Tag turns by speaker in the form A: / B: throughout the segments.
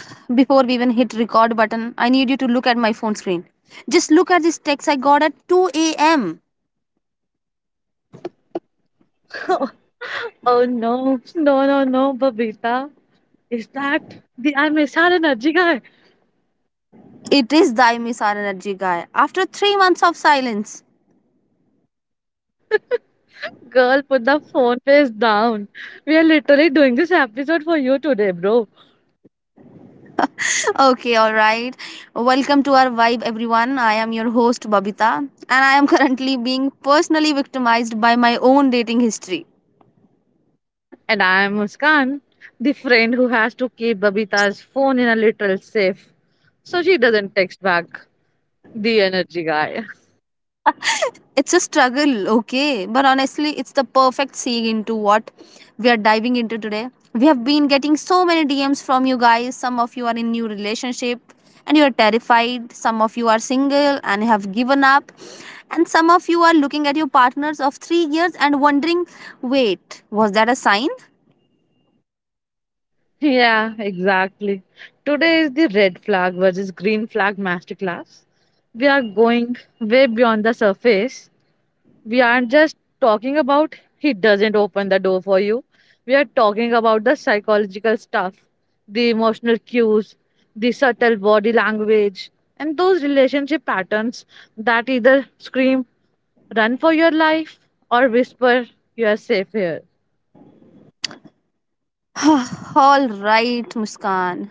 A: before we even hit record button, I need you to look at my phone screen. Just look at this text I got at 2 a.m.
B: Oh no, no, no, no, Babita. Is that the I'm SR Energy guy?
A: It is thy Miss Energy guy after three months of silence.
B: Girl, put the phone face down. We are literally doing this episode for you today, bro.
A: Okay, all right. Welcome to our vibe everyone. I am your host Babita and I am currently being personally victimized by my own dating history.
B: And I am Muskan, the friend who has to keep Babita's phone in a little safe so she doesn't text back. The energy guy.
A: It's a struggle, okay, but honestly, it's the perfect segue into what we are diving into today. We have been getting so many DMs from you guys. Some of you are in new relationship and you are terrified. Some of you are single and have given up. And some of you are looking at your partners of three years and wondering, "Wait, was that a sign?"
B: Yeah, exactly. Today is the red flag versus green flag masterclass. We are going way beyond the surface. We aren't just talking about he doesn't open the door for you. We are talking about the psychological stuff, the emotional cues, the subtle body language, and those relationship patterns that either scream, run for your life, or whisper, you are safe here.
A: All right, Muskan.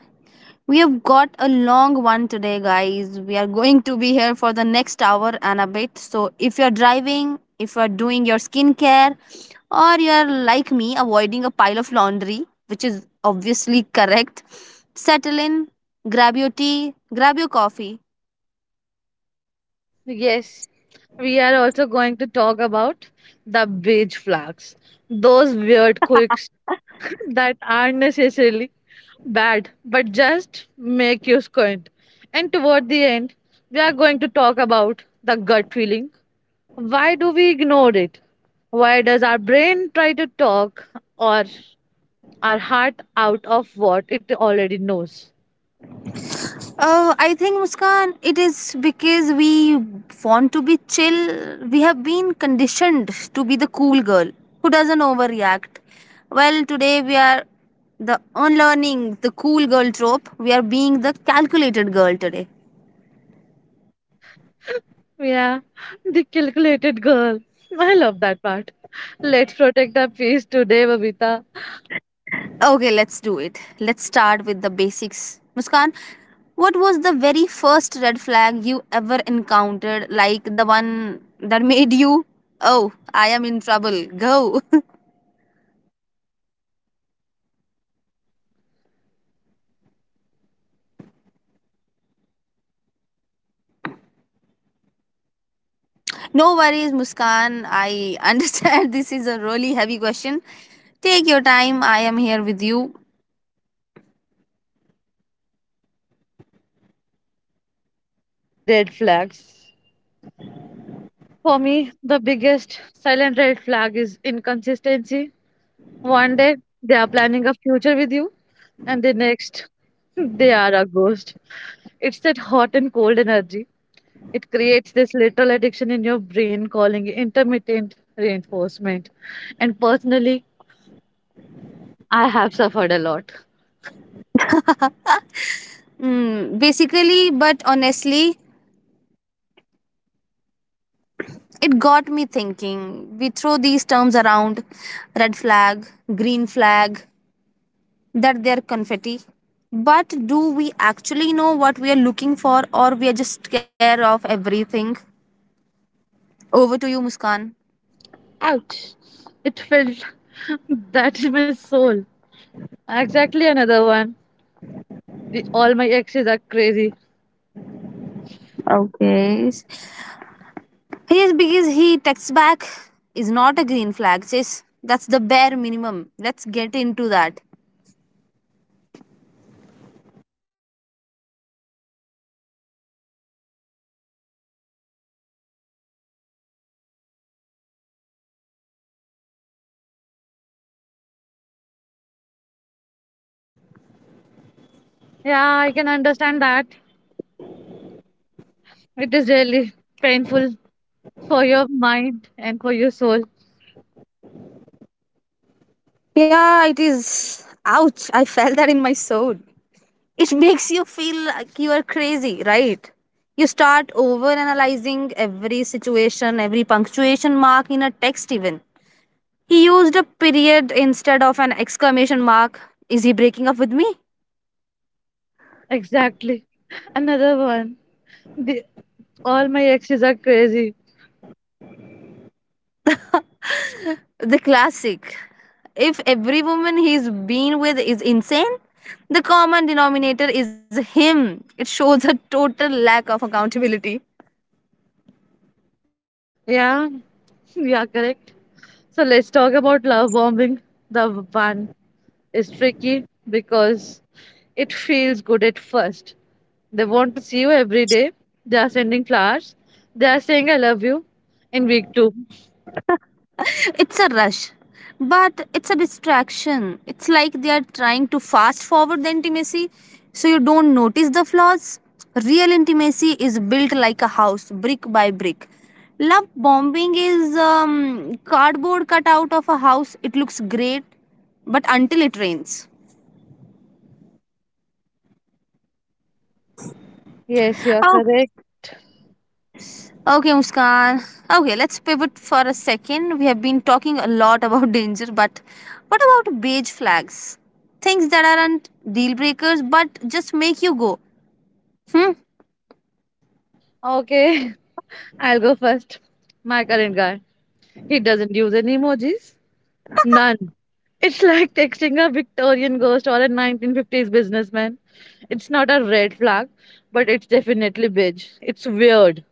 A: We have got a long one today, guys. We are going to be here for the next hour and a bit. So, if you're driving, if you're doing your skincare, or you're like me, avoiding a pile of laundry, which is obviously correct, settle in, grab your tea, grab your coffee.
B: Yes, we are also going to talk about the beige flags, those weird quirks that aren't necessarily bad, but just make you squint. And toward the end, we are going to talk about the gut feeling. Why do we ignore it? Why does our brain try to talk or our heart out of what it already knows?
A: I think Muskan, it is because we want to be chill. We have been conditioned to be the cool girl who doesn't overreact. Well, today we are the unlearning the cool girl trope. We are being the calculated girl today.
B: Yeah, the calculated girl. I love that part. Let's protect our peace today, Babita.
A: Okay, let's do it. Let's start with the basics. Muskan, what was the very first red flag you ever encountered? Like the one that made you, oh, I am in trouble. Go. No worries, Muskan. I understand this is a really heavy question. Take your time. I am here with you.
B: The red flags. For me, the biggest silent red flag is inconsistency. One day, they are planning a future with you. And the next, they are a ghost. It's that hot and cold energy. It creates this literal addiction in your brain, calling it intermittent reinforcement. And personally, I have suffered a lot.
A: Mm, basically, but honestly, it got me thinking. We throw these terms around red flag, green flag, that they're confetti. But do we actually know what we are looking for, or we are just scared of everything? Over to you, Muskan.
B: Ouch. It felt that in my soul. Exactly another one. The, all my exes are crazy.
A: Okay. Yes, because he texts back is not a green flag. Says that's the bare minimum. Let's get into that.
B: Yeah, I can understand that. It is really painful for your mind and for your soul.
A: Yeah, it is. Ouch, I felt that in my soul. It makes you feel like you are crazy, right? You start over analyzing every situation, every punctuation mark in a text, even. He used a period instead of an exclamation mark. Is he breaking up with me?
B: Exactly. Another one. The, all my exes are crazy.
A: The classic. If every woman he's been with is insane, the common denominator is him. It shows a total lack of accountability.
B: Yeah, yeah, correct. So let's talk about love bombing. The one is tricky because it feels good at first. They want to see you every day. They are sending flowers. They are saying I love you in week two.
A: It's a rush, but it's a distraction. It's like they are trying to fast forward the intimacy so you don't notice the flaws. Real intimacy is built like a house, brick by brick. Love bombing is cardboard cut out of a house. It looks great, but until it rains.
B: Yes, you are correct.
A: Okay, Muskan. Okay, let's pivot for a second. We have been talking a lot about danger, but what about beige flags? Things that aren't deal breakers but just make you go, hmm?
B: Okay, I'll go first. My current guy. He doesn't use any emojis. None. It's like texting a Victorian ghost or a 1950s businessman. It's not a red flag, but it's definitely beige. It's weird.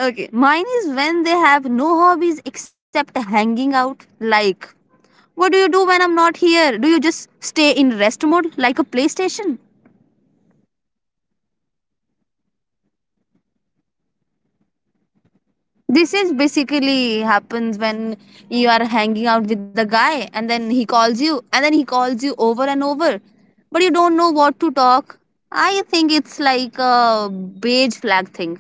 A: Okay, mine is when they have no hobbies except hanging out. Like, what do you do when I'm not here? Do you just stay in rest mode like a PlayStation? This is basically happens when you are hanging out with the guy and then he calls you over and over, but you don't know what to talk. I think it's like a beige flag thing.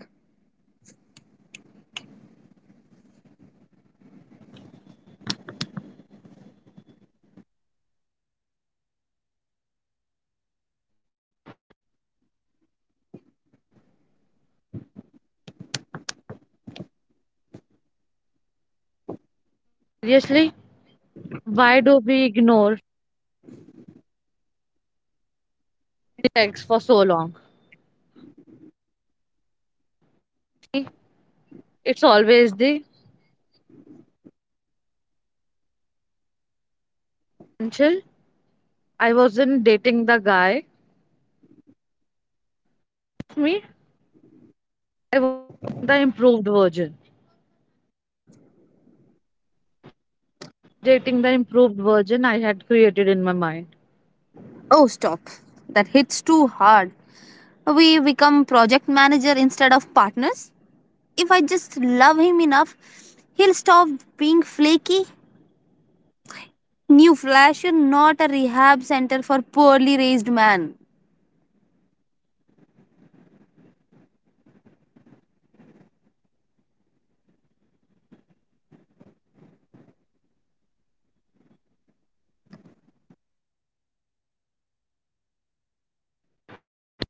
B: Seriously, why do we ignore sex for so long? It's always the potential. I wasn't dating the guy. Me. I was the improved version.
A: Oh,
B: Dating the improved version I had created in my mind.
A: oh, stop. That hits too hard. We become project manager instead of partners. If I just love him enough, he'll stop being flaky. New Flash, you're not a rehab center for poorly raised man.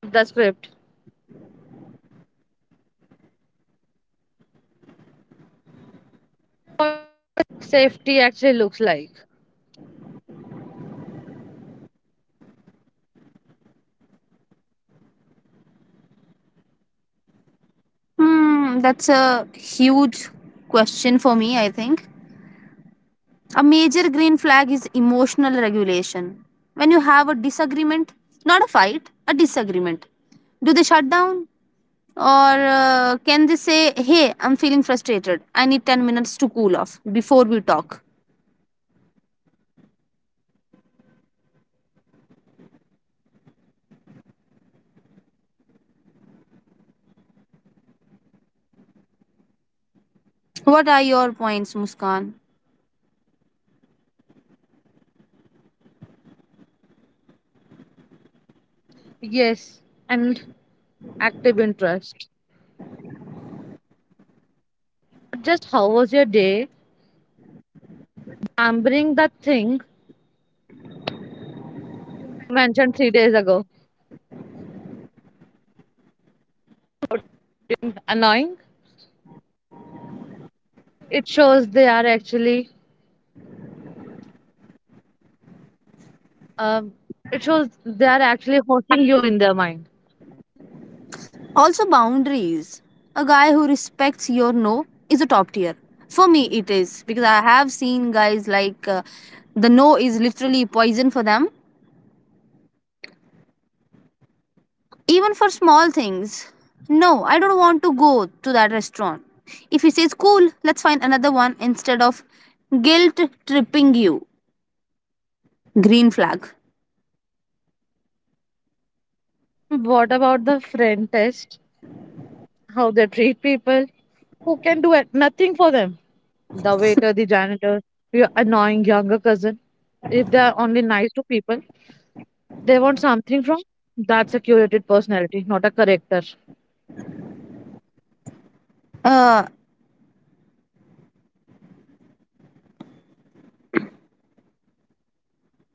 B: The script. What safety actually looks like.
A: Hmm, that's a huge question for me, I think. A major green flag is emotional regulation. When you have a disagreement, not a fight, a disagreement, do they shut down? Or can they say, hey, I'm feeling frustrated. I need 10 minutes to cool off before we talk? What are your points, Muskan?
B: Yes. And active interest. Not just how was your day? Remembering that thing mentioned 3 days ago. Annoying? It shows they are actually, um, it shows they are actually hosting you in their mind.
A: Also, boundaries. A guy who respects your no is a top tier. For me, it is because I have seen guys like the no is literally poison for them, even for small things. No, I don't want to go to that restaurant. If he says, cool, let's find another one instead of guilt tripping you. Green flag.
B: What about the friend test? How they treat people who can do it, nothing for them. The waiter, the janitor, your annoying younger cousin. If they are only nice to people, they want something from. That's a curated personality, not a character.
A: Uh,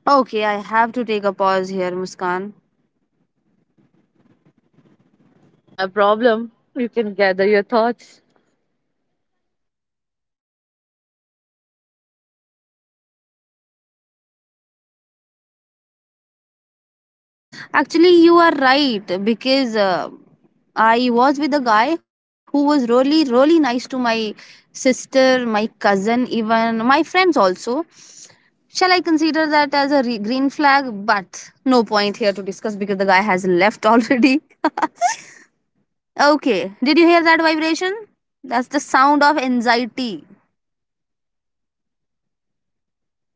A: okay, I have to take a pause here, Muskan.
B: Not a problem. You can gather your thoughts.
A: Actually, you are right because I was with a guy who was really, really nice to my sister, my cousin, even my friends also. Shall I consider that as a green flag? But no point here to discuss because the guy has left already. Okay, did you hear that vibration? That's the sound of anxiety.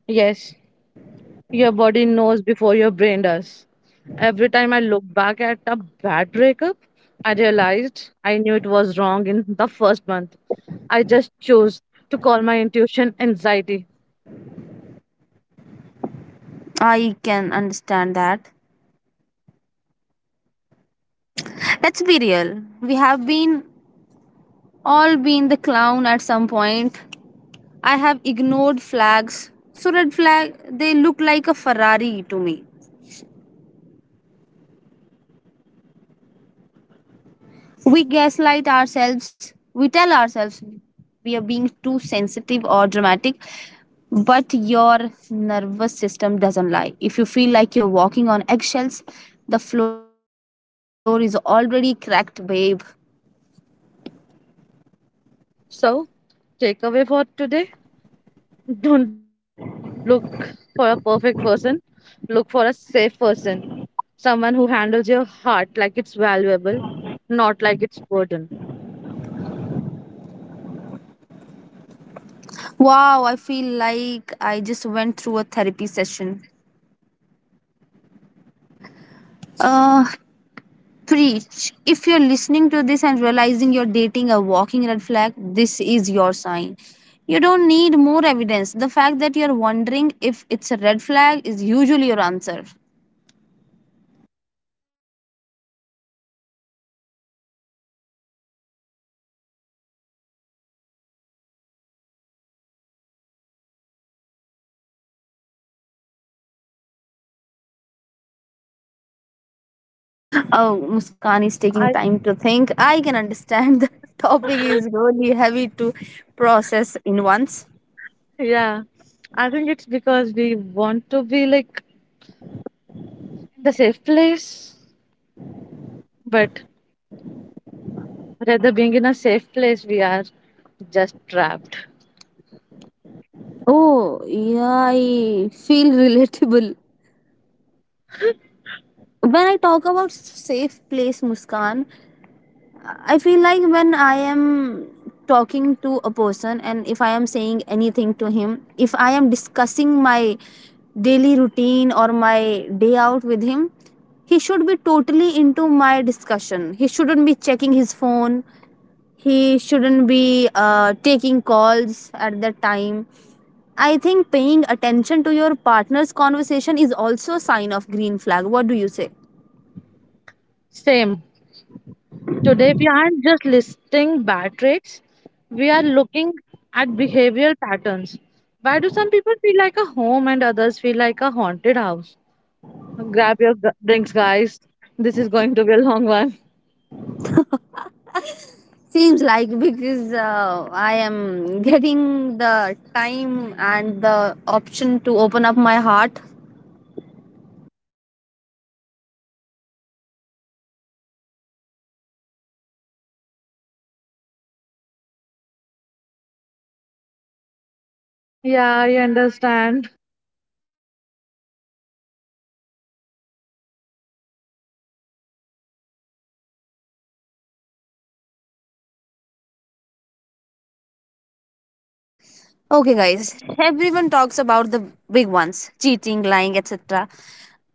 B: Yes, your body knows before your brain does. Every time I look back at a bad breakup, I realized I knew it was wrong in the first month. I just chose to call my intuition anxiety.
A: I can understand that. Let's be real. We have been all been the clown at some point. I have ignored flags. So, red flag, they look like a Ferrari to me. We gaslight ourselves. We tell ourselves we are being too sensitive or dramatic, but your nervous system doesn't lie. If you feel like you're walking on eggshells, the floor is already cracked, babe.
B: So, takeaway for today, don't look for a perfect person, look for a safe person, someone who handles your heart like it's valuable, not like it's burden.
A: Wow, I feel like I just went through a therapy session. Uh, Preach. If you're listening to this and realizing you're dating a walking red flag, this is your sign. You don't need more evidence. The fact that you're wondering if it's a red flag is usually your answer. Oh, Muskan is taking
B: I
A: time to think. I can understand the topic is really heavy to process in once.
B: yeah, I think it's because we want to be like the safe place. But rather being in a safe place, we are just trapped.
A: Oh, yeah, I feel relatable. When I talk about safe place, Muskan, I feel like when I am talking to a person and if I am saying anything to him, if I am discussing my daily routine or my day out with him, he should be totally into my discussion. He shouldn't be checking his phone. He shouldn't be taking calls at that time. I think paying attention to your partner's conversation is also a sign of green flag. What do you say?
B: Same. Today, we aren't just listing bad traits, we are looking at behavioral patterns. Why do some people feel like a home and others feel like a haunted house? Grab your drinks, guys. This is going to be a long one.
A: Seems like because I am getting the time and the option to open up my heart.
B: Yeah, I understand.
A: Okay, guys, everyone talks about the big ones cheating, lying, etc.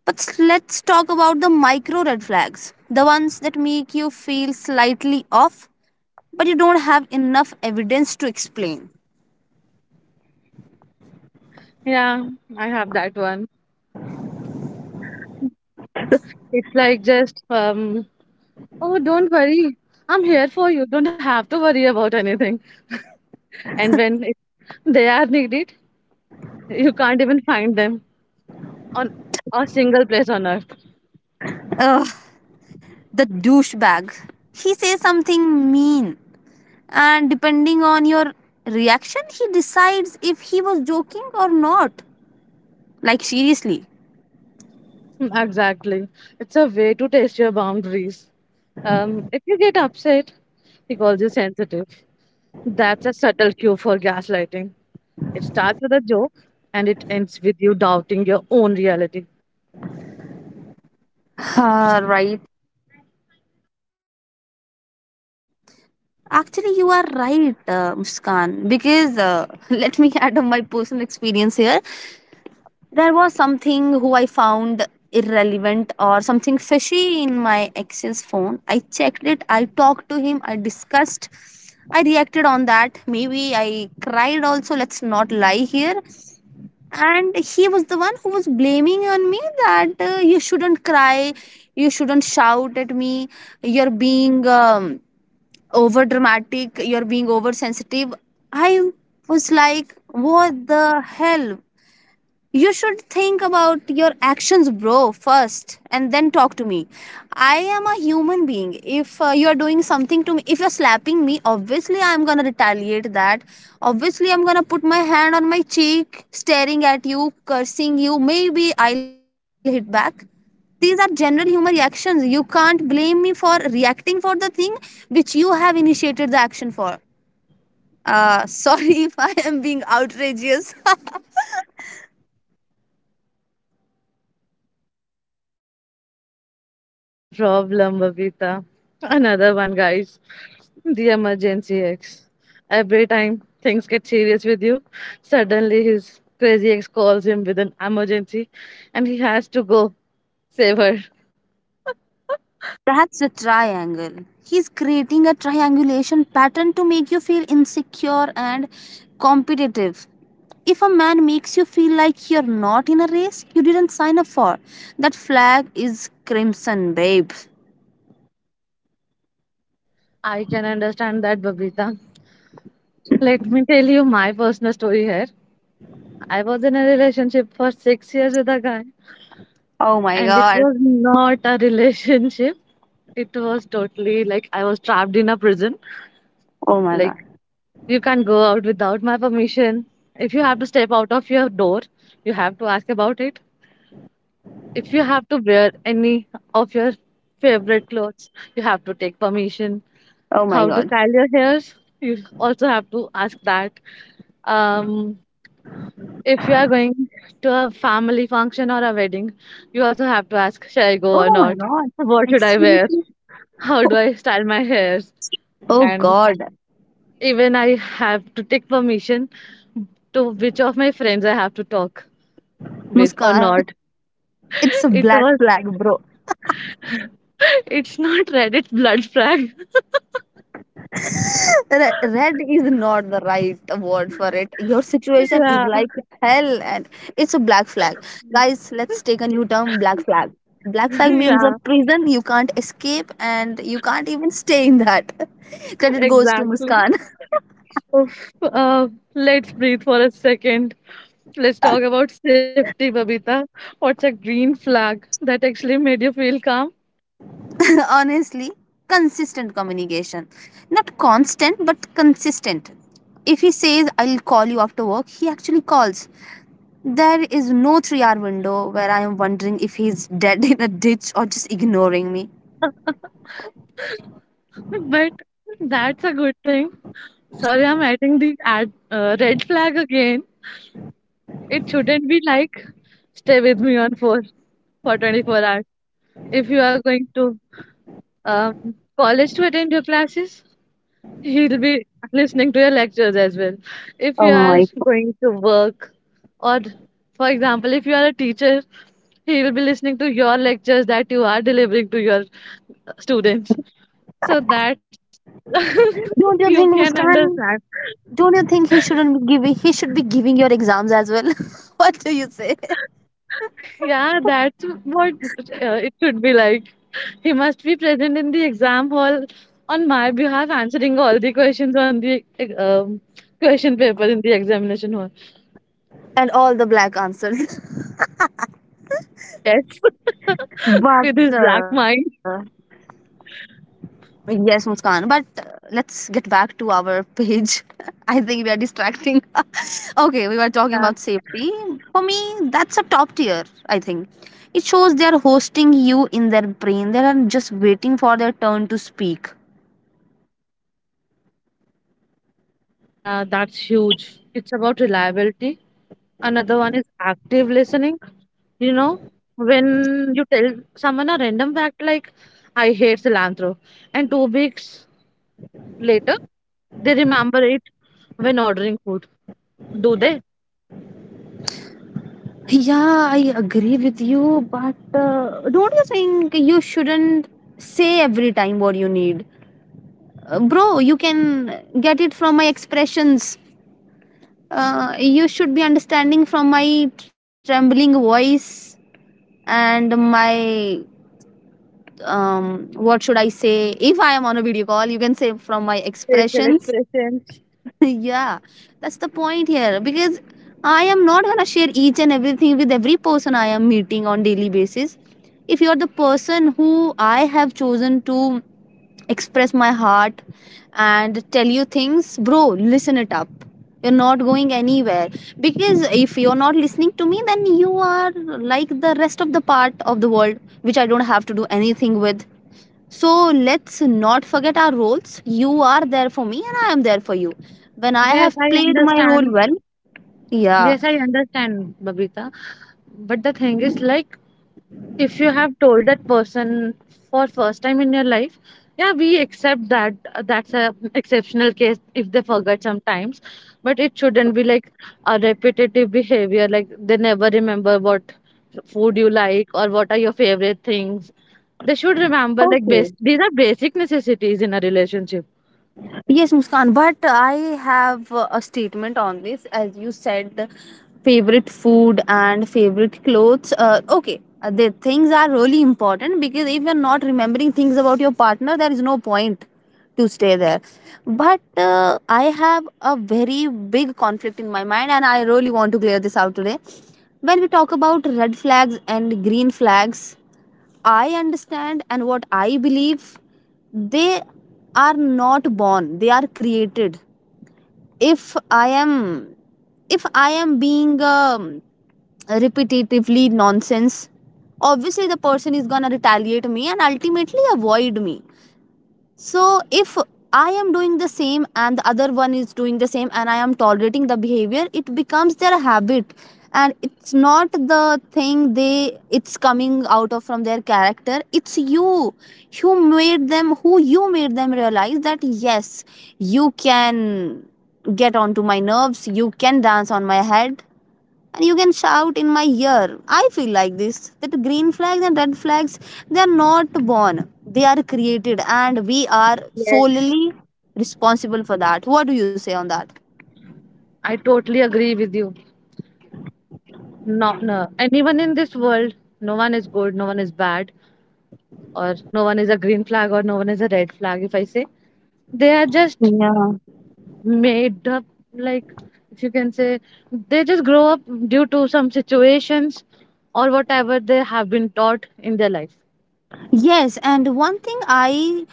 A: But let's talk about the micro red flags the ones that make you feel slightly off, but you don't have enough evidence to explain.
B: Yeah, I have that one. It's like just, oh, don't worry. I'm here for you. Don't have to worry about anything. And when it they are needed, you can't even find them on a single place on earth.
A: Ugh, the douchebag. He says something mean and depending on your reaction he decides if he was joking or not, like seriously.
B: Mm, exactly. It's a way to test your boundaries. If you get upset, he calls you sensitive. That's a subtle cue for gaslighting. It starts with a joke and it ends with you doubting your own reality.
A: Ah, right. Actually you are right, Muskan, because let me add on my personal experience here. There was something who I found irrelevant or something fishy in my ex's phone. I checked it, I talked to him, I discussed, I reacted on that, maybe I cried also, let's not lie here. And he was the one who was blaming on me that you shouldn't cry, you shouldn't shout at me, you're being over dramatic, you're being oversensitive. I was like what the hell, you should think about your actions, bro, first, and then talk to me. I am a human being. If you are doing something to me, if you're slapping me, obviously I'm gonna retaliate that. Obviously, I'm gonna put my hand on my cheek, staring at you, cursing you. Maybe I'll hit back. These are general human reactions. You can't blame me for reacting for the thing which you have initiated the action for. Sorry if I am being outrageous.
B: Not a problem, Babita. Another one, guys. The emergency ex. Every time things get serious with you, suddenly his crazy ex calls him with an emergency and he has to go save her.
A: That's a triangle. He's creating a triangulation pattern to make you feel insecure and competitive. If a man makes you feel like you're not in a race you didn't sign up for, that flag is crimson, babe.
B: I can understand that, Babita. Let me tell you my personal story here. I was in a relationship for 6 years with a guy,
A: Oh my
B: and it
A: god.
B: was not a relationship. It was totally like I was trapped in a prison.
A: Oh my god.
B: Like you can't go out without my permission. If you have to step out of your door, you have to ask about it. If you have to wear any of your favorite clothes, you have to take permission.
A: Oh my
B: How to
A: god.
B: style your hairs, you also have to ask that. Um, if you are going to a family function or a wedding, you also have to ask, shall I go
A: Oh
B: or
A: my
B: not?
A: god.
B: What
A: Like
B: should I wear?
A: seriously?
B: How do I style my hairs?
A: Oh
B: And
A: god.
B: even I have to take permission to which of my friends I have to talk with or
A: Muskan,
B: not.
A: it's a
B: It
A: black
B: was
A: flag, bro.
B: it's not Reddit blood flag.
A: Red is not the right word for it. Your situation
B: Yeah.
A: is like hell and it's a black flag. Guys, let's take a new term, black flag. Black flag means a
B: Yeah,
A: prison you can't escape and you can't even stay in that. Credit goes to
B: exactly.
A: Muskan.
B: Oof. Uh, let's breathe for a second. Let's talk about safety, Babita. What's a green flag that actually made you feel calm?
A: Honestly, consistent communication, not constant but consistent. If he says I'll call you after work, he actually calls. There is no three hour window where I am wondering if he's dead in a ditch or just ignoring me.
B: But that's a good thing. Sorry, I'm adding the ad, red flag again. It shouldn't be like stay with me on for 24 hours. If you are going to um, college to attend your classes, he'll be listening to your lectures as well. If you
A: Oh
B: are
A: my.
B: going to work, or for example, if you are a teacher, he will be listening to your lectures that you are delivering to your students. So that's you
A: Don't you
B: can
A: think,
B: understand.
A: Muskan? Don't you think he shouldn't be giving? He should be giving your exams as well. What do you say?
B: Yeah, that's what it should be like. He must be present in the exam hall on my behalf, answering all the questions on the um, question paper in the examination hall.
A: And all the black answers.
B: Yes,
A: but
B: with his black
A: uh,
B: mind.
A: yes, Muskan. But let's get back to our page. I think we are distracting. Okay, we were talking about
B: Yeah,
A: safety. For me, that's a top tier. I think it shows they are hosting you in their brain. They are just waiting for their turn to speak.
B: yeah, that's huge. It's about reliability. Another one is active listening. You know, when you tell someone a random fact like, I hate cilantro, and 2 weeks later, they remember it when ordering food. Do they?
A: Yeah, I agree with you, but don't you think you shouldn't say every time what you need? Bro, you can get it from my expressions. You should be understanding from my trembling voice and my what should I say? If I am on a video call, you can say from my
B: Facial
A: expressions.
B: expressions.
A: Yeah, that's the point here, because I am not gonna share each and everything with every person I am meeting on daily basis. If you're the person who I have chosen to express my heart and tell you things, bro, listen it up. You're not going anywhere, because if you're not listening to me, then you are like the rest of the part of the world, which I don't have to do anything with. So let's not forget our roles. You are there for me and I am there for you. When I
B: Yes,
A: have
B: I
A: played my role
B: understand.
A: well, yeah.
B: Yes, I understand, Babita. But the thing is, like, if you have told that person for first time in your life, yeah, we accept that, that's a exceptional case if they forget sometimes. But it shouldn't be like a repetitive behavior like they never remember what food you like or what are your favorite things. They should remember like
A: Okay.
B: base, these are basic necessities in a relationship.
A: Yes, Muskan, but I have a statement on this. As you said, favorite food and favorite clothes. Okay, the things are really important, because if you're not remembering things about your partner, there is no point to stay there. But I have a very big conflict in my mind, and I really want to clear this out today. When we talk about red flags and green flags, I understand, and what I believe, they are not born, they are created. If I am if I am being repetitively nonsense, obviously the person is gonna retaliate me and ultimately avoid me. So if I am doing the same and the other one is doing the same and I am tolerating the behavior, it becomes their habit, and it's not the thing they it's coming out of from their character, it's you who made them who you made them realize that yes, you can get onto my nerves, you can dance on my head, and you can shout in my ear. I feel like this, that green flags and red flags, they are not born, they are created, and we are
B: Yes.
A: solely responsible for that. What do you say on that?
B: I totally agree with you. Not no, anyone in this world, no one is good, no one is bad. Or no one is a green flag or no one is a red flag if I say. They are just
A: Yeah.
B: made up, like if you can say they just grow up due to some situations or whatever they have been taught in their life.
A: Yes, and one thing I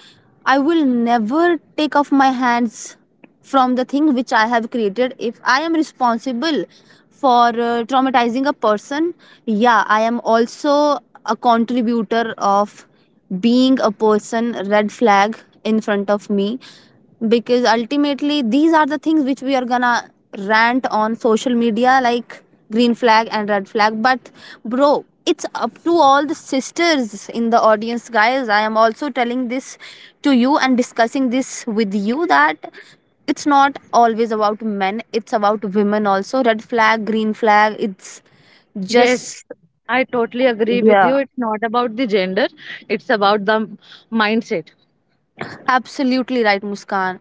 A: I will never take off my hands from the thing which I have created. If I am responsible for traumatizing a person. Yeah, I am also a contributor of being a person red flag in front of me, because ultimately these are the things which we are gonna rant on social media, like green flag and red flag. But bro, it's up to all the sisters in the audience. Guys, I am also telling this to you and discussing this with you, that it's not always about men, it's about women also. Red flag, green flag, it's
B: Yes,
A: just,
B: I totally agree with
A: yeah.
B: you. It's not about the gender, it's about the mindset.
A: Absolutely right, Muskan.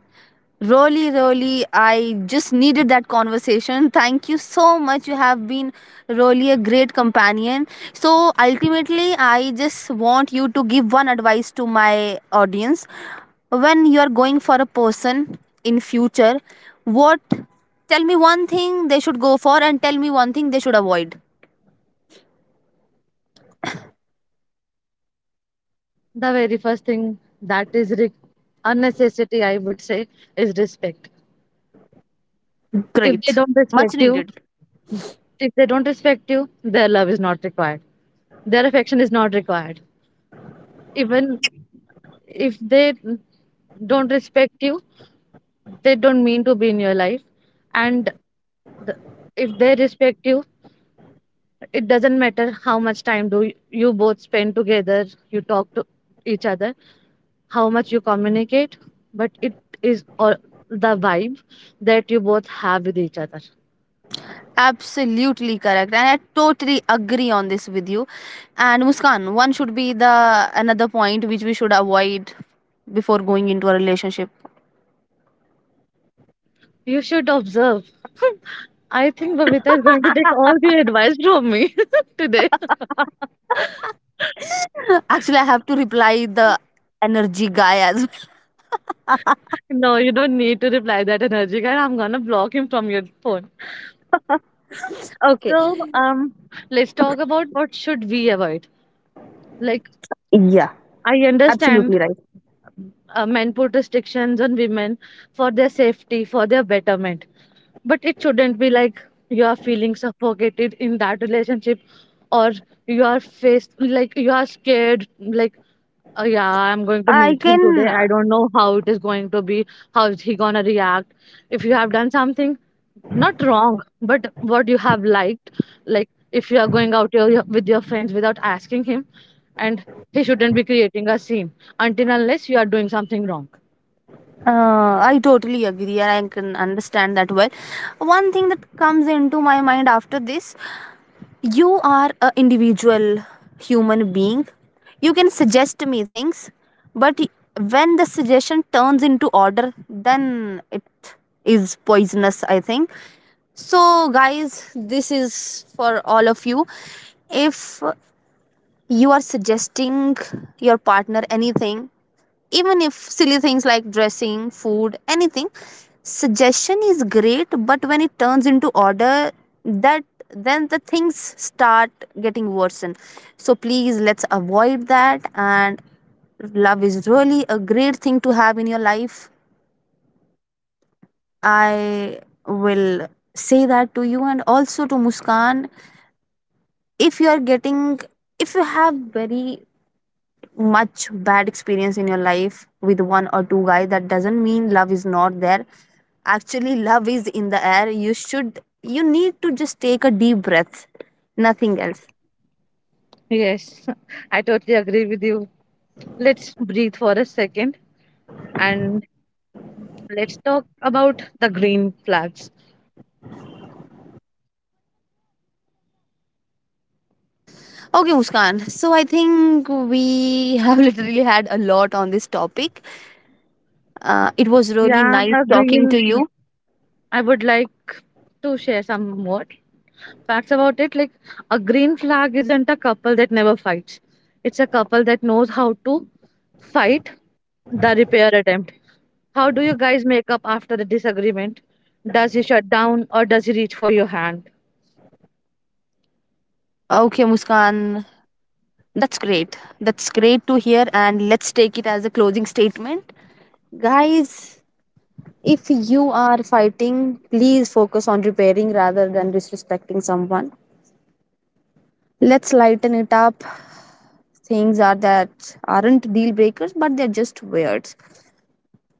A: Really, really, I just needed that conversation. Thank you so much. You have been really a great companion. So, ultimately, I just want you to give one advice to my audience. When you are going for a person in future, what, tell me one thing they should go for and tell me one thing they should avoid.
B: The very first thing that is a necessity, I would say, is respect. If they
A: Great.
B: don't
A: Much
B: respect you,
A: needed.
B: if they don't respect you, their love is not required. Their affection is not required. Even if they don't respect you, they don't mean to be in your life. And the, if they respect you, it doesn't matter how much time do you both spend together, you talk to each other, how much you communicate, but it is all the vibe that you both have with each other.
A: Absolutely correct, and I totally agree on this with you. And Muskan, one should be the another point which we should avoid before going into a relationship.
B: You should observe. I think Babita is going to take all the advice from me today.
A: Actually, I have to reply the energy guy as
B: No, you don't need to reply that energy guy. I'm gonna block him from your phone.
A: well.
B: So,
A: Okay.
B: let's talk about what should we avoid. Like,
A: Yeah,
B: I understand
A: absolutely right.
B: men put restrictions on women for their safety, for their betterment, but it shouldn't be like you are feeling suffocated in that relationship, or you are faced like you are scared, like yeah, I'm going to
A: I
B: meet him today. I
A: can,
B: don't know how it is going to be. How is he gonna react? If you have done something not wrong, but what you have liked, like if you are going out with your friends without asking him, and he shouldn't be creating a scene until unless you are doing something wrong.
A: I totally agree, and I can understand that well. One thing that comes into my mind after this, you are a individual human being, you can suggest me things, but when the suggestion turns into order, then it is poisonous, I think. So guys, this is for all of you, if you are suggesting your partner anything, even if silly things, like dressing, food, anything, suggestion is great, but when it turns into order, that then the things start getting worsened. So please, let's avoid that. And love is really a great thing to have in your life. I will say that to you, and also to Muskan, if you are getting if you have very much bad experience in your life with one or two guys, that doesn't mean love is not there. Actually, love is in the air. You need to just take a deep breath, nothing else.
B: Yes, I totally agree with you. Let's breathe for a second and let's talk about the green flags.
A: Okay Muskan, so I think we have literally had a lot on this topic. It was really
B: Yeah,
A: nice
B: a
A: talking
B: green.
A: to you.
B: I would like to share some more. Facts about it like a green flag isn't a couple that never fights, it's a couple that knows how to fight the repair attempt. How do you guys make up after the disagreement? Does he shut down or does he reach for your hand?
A: Okay Muskan, that's great to hear, and let's take it as a closing statement. Guys, if you are fighting, please focus on repairing rather than disrespecting someone. Let's lighten it up. Things are that aren't deal breakers, but they're just weird.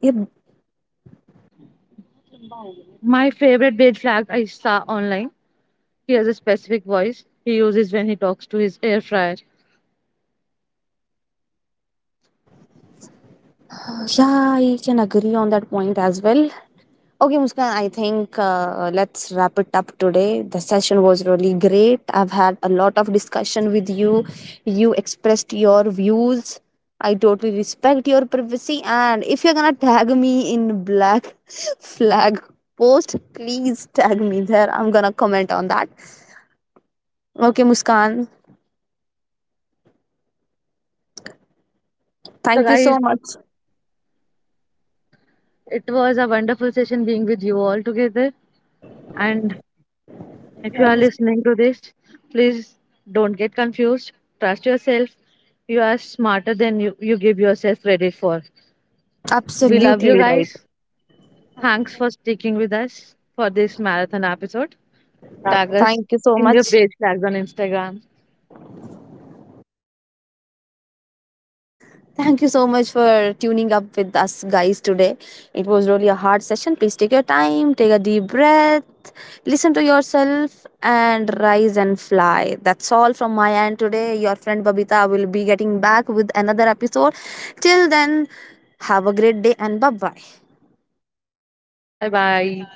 A: Yep.
B: My favorite beige flag I saw online. He has a specific voice he uses when he talks to his air fryer.
A: Yeah, I can agree on that point as well. Okay, Muskan, I think let's wrap it up today. The session was really great. I've had a lot of discussion with you. You expressed your views. I totally respect your privacy. And if you're gonna tag me in black flag post, please tag me there. I'm gonna comment on that. Okay, Muskan,
B: So,
A: thank you
B: guys,
A: so much.
B: it was a wonderful session being with you all together. And if you are listening to this, please don't get confused. Trust yourself. You are smarter than you give yourself credit for. We love you
A: Absolutely right.
B: guys. Thanks for sticking with us for this marathon episode. Tag us
A: Thank you so
B: in your
A: much.
B: page tags on Instagram.
A: Thank you so much for tuning up with us guys today. It was really a hard session. Please take your time, take a deep breath, listen to yourself, and rise and fly. That's all from my end today. Your friend Babita will be getting back with another episode. Till then, have a great day and bye bye.
B: Bye bye.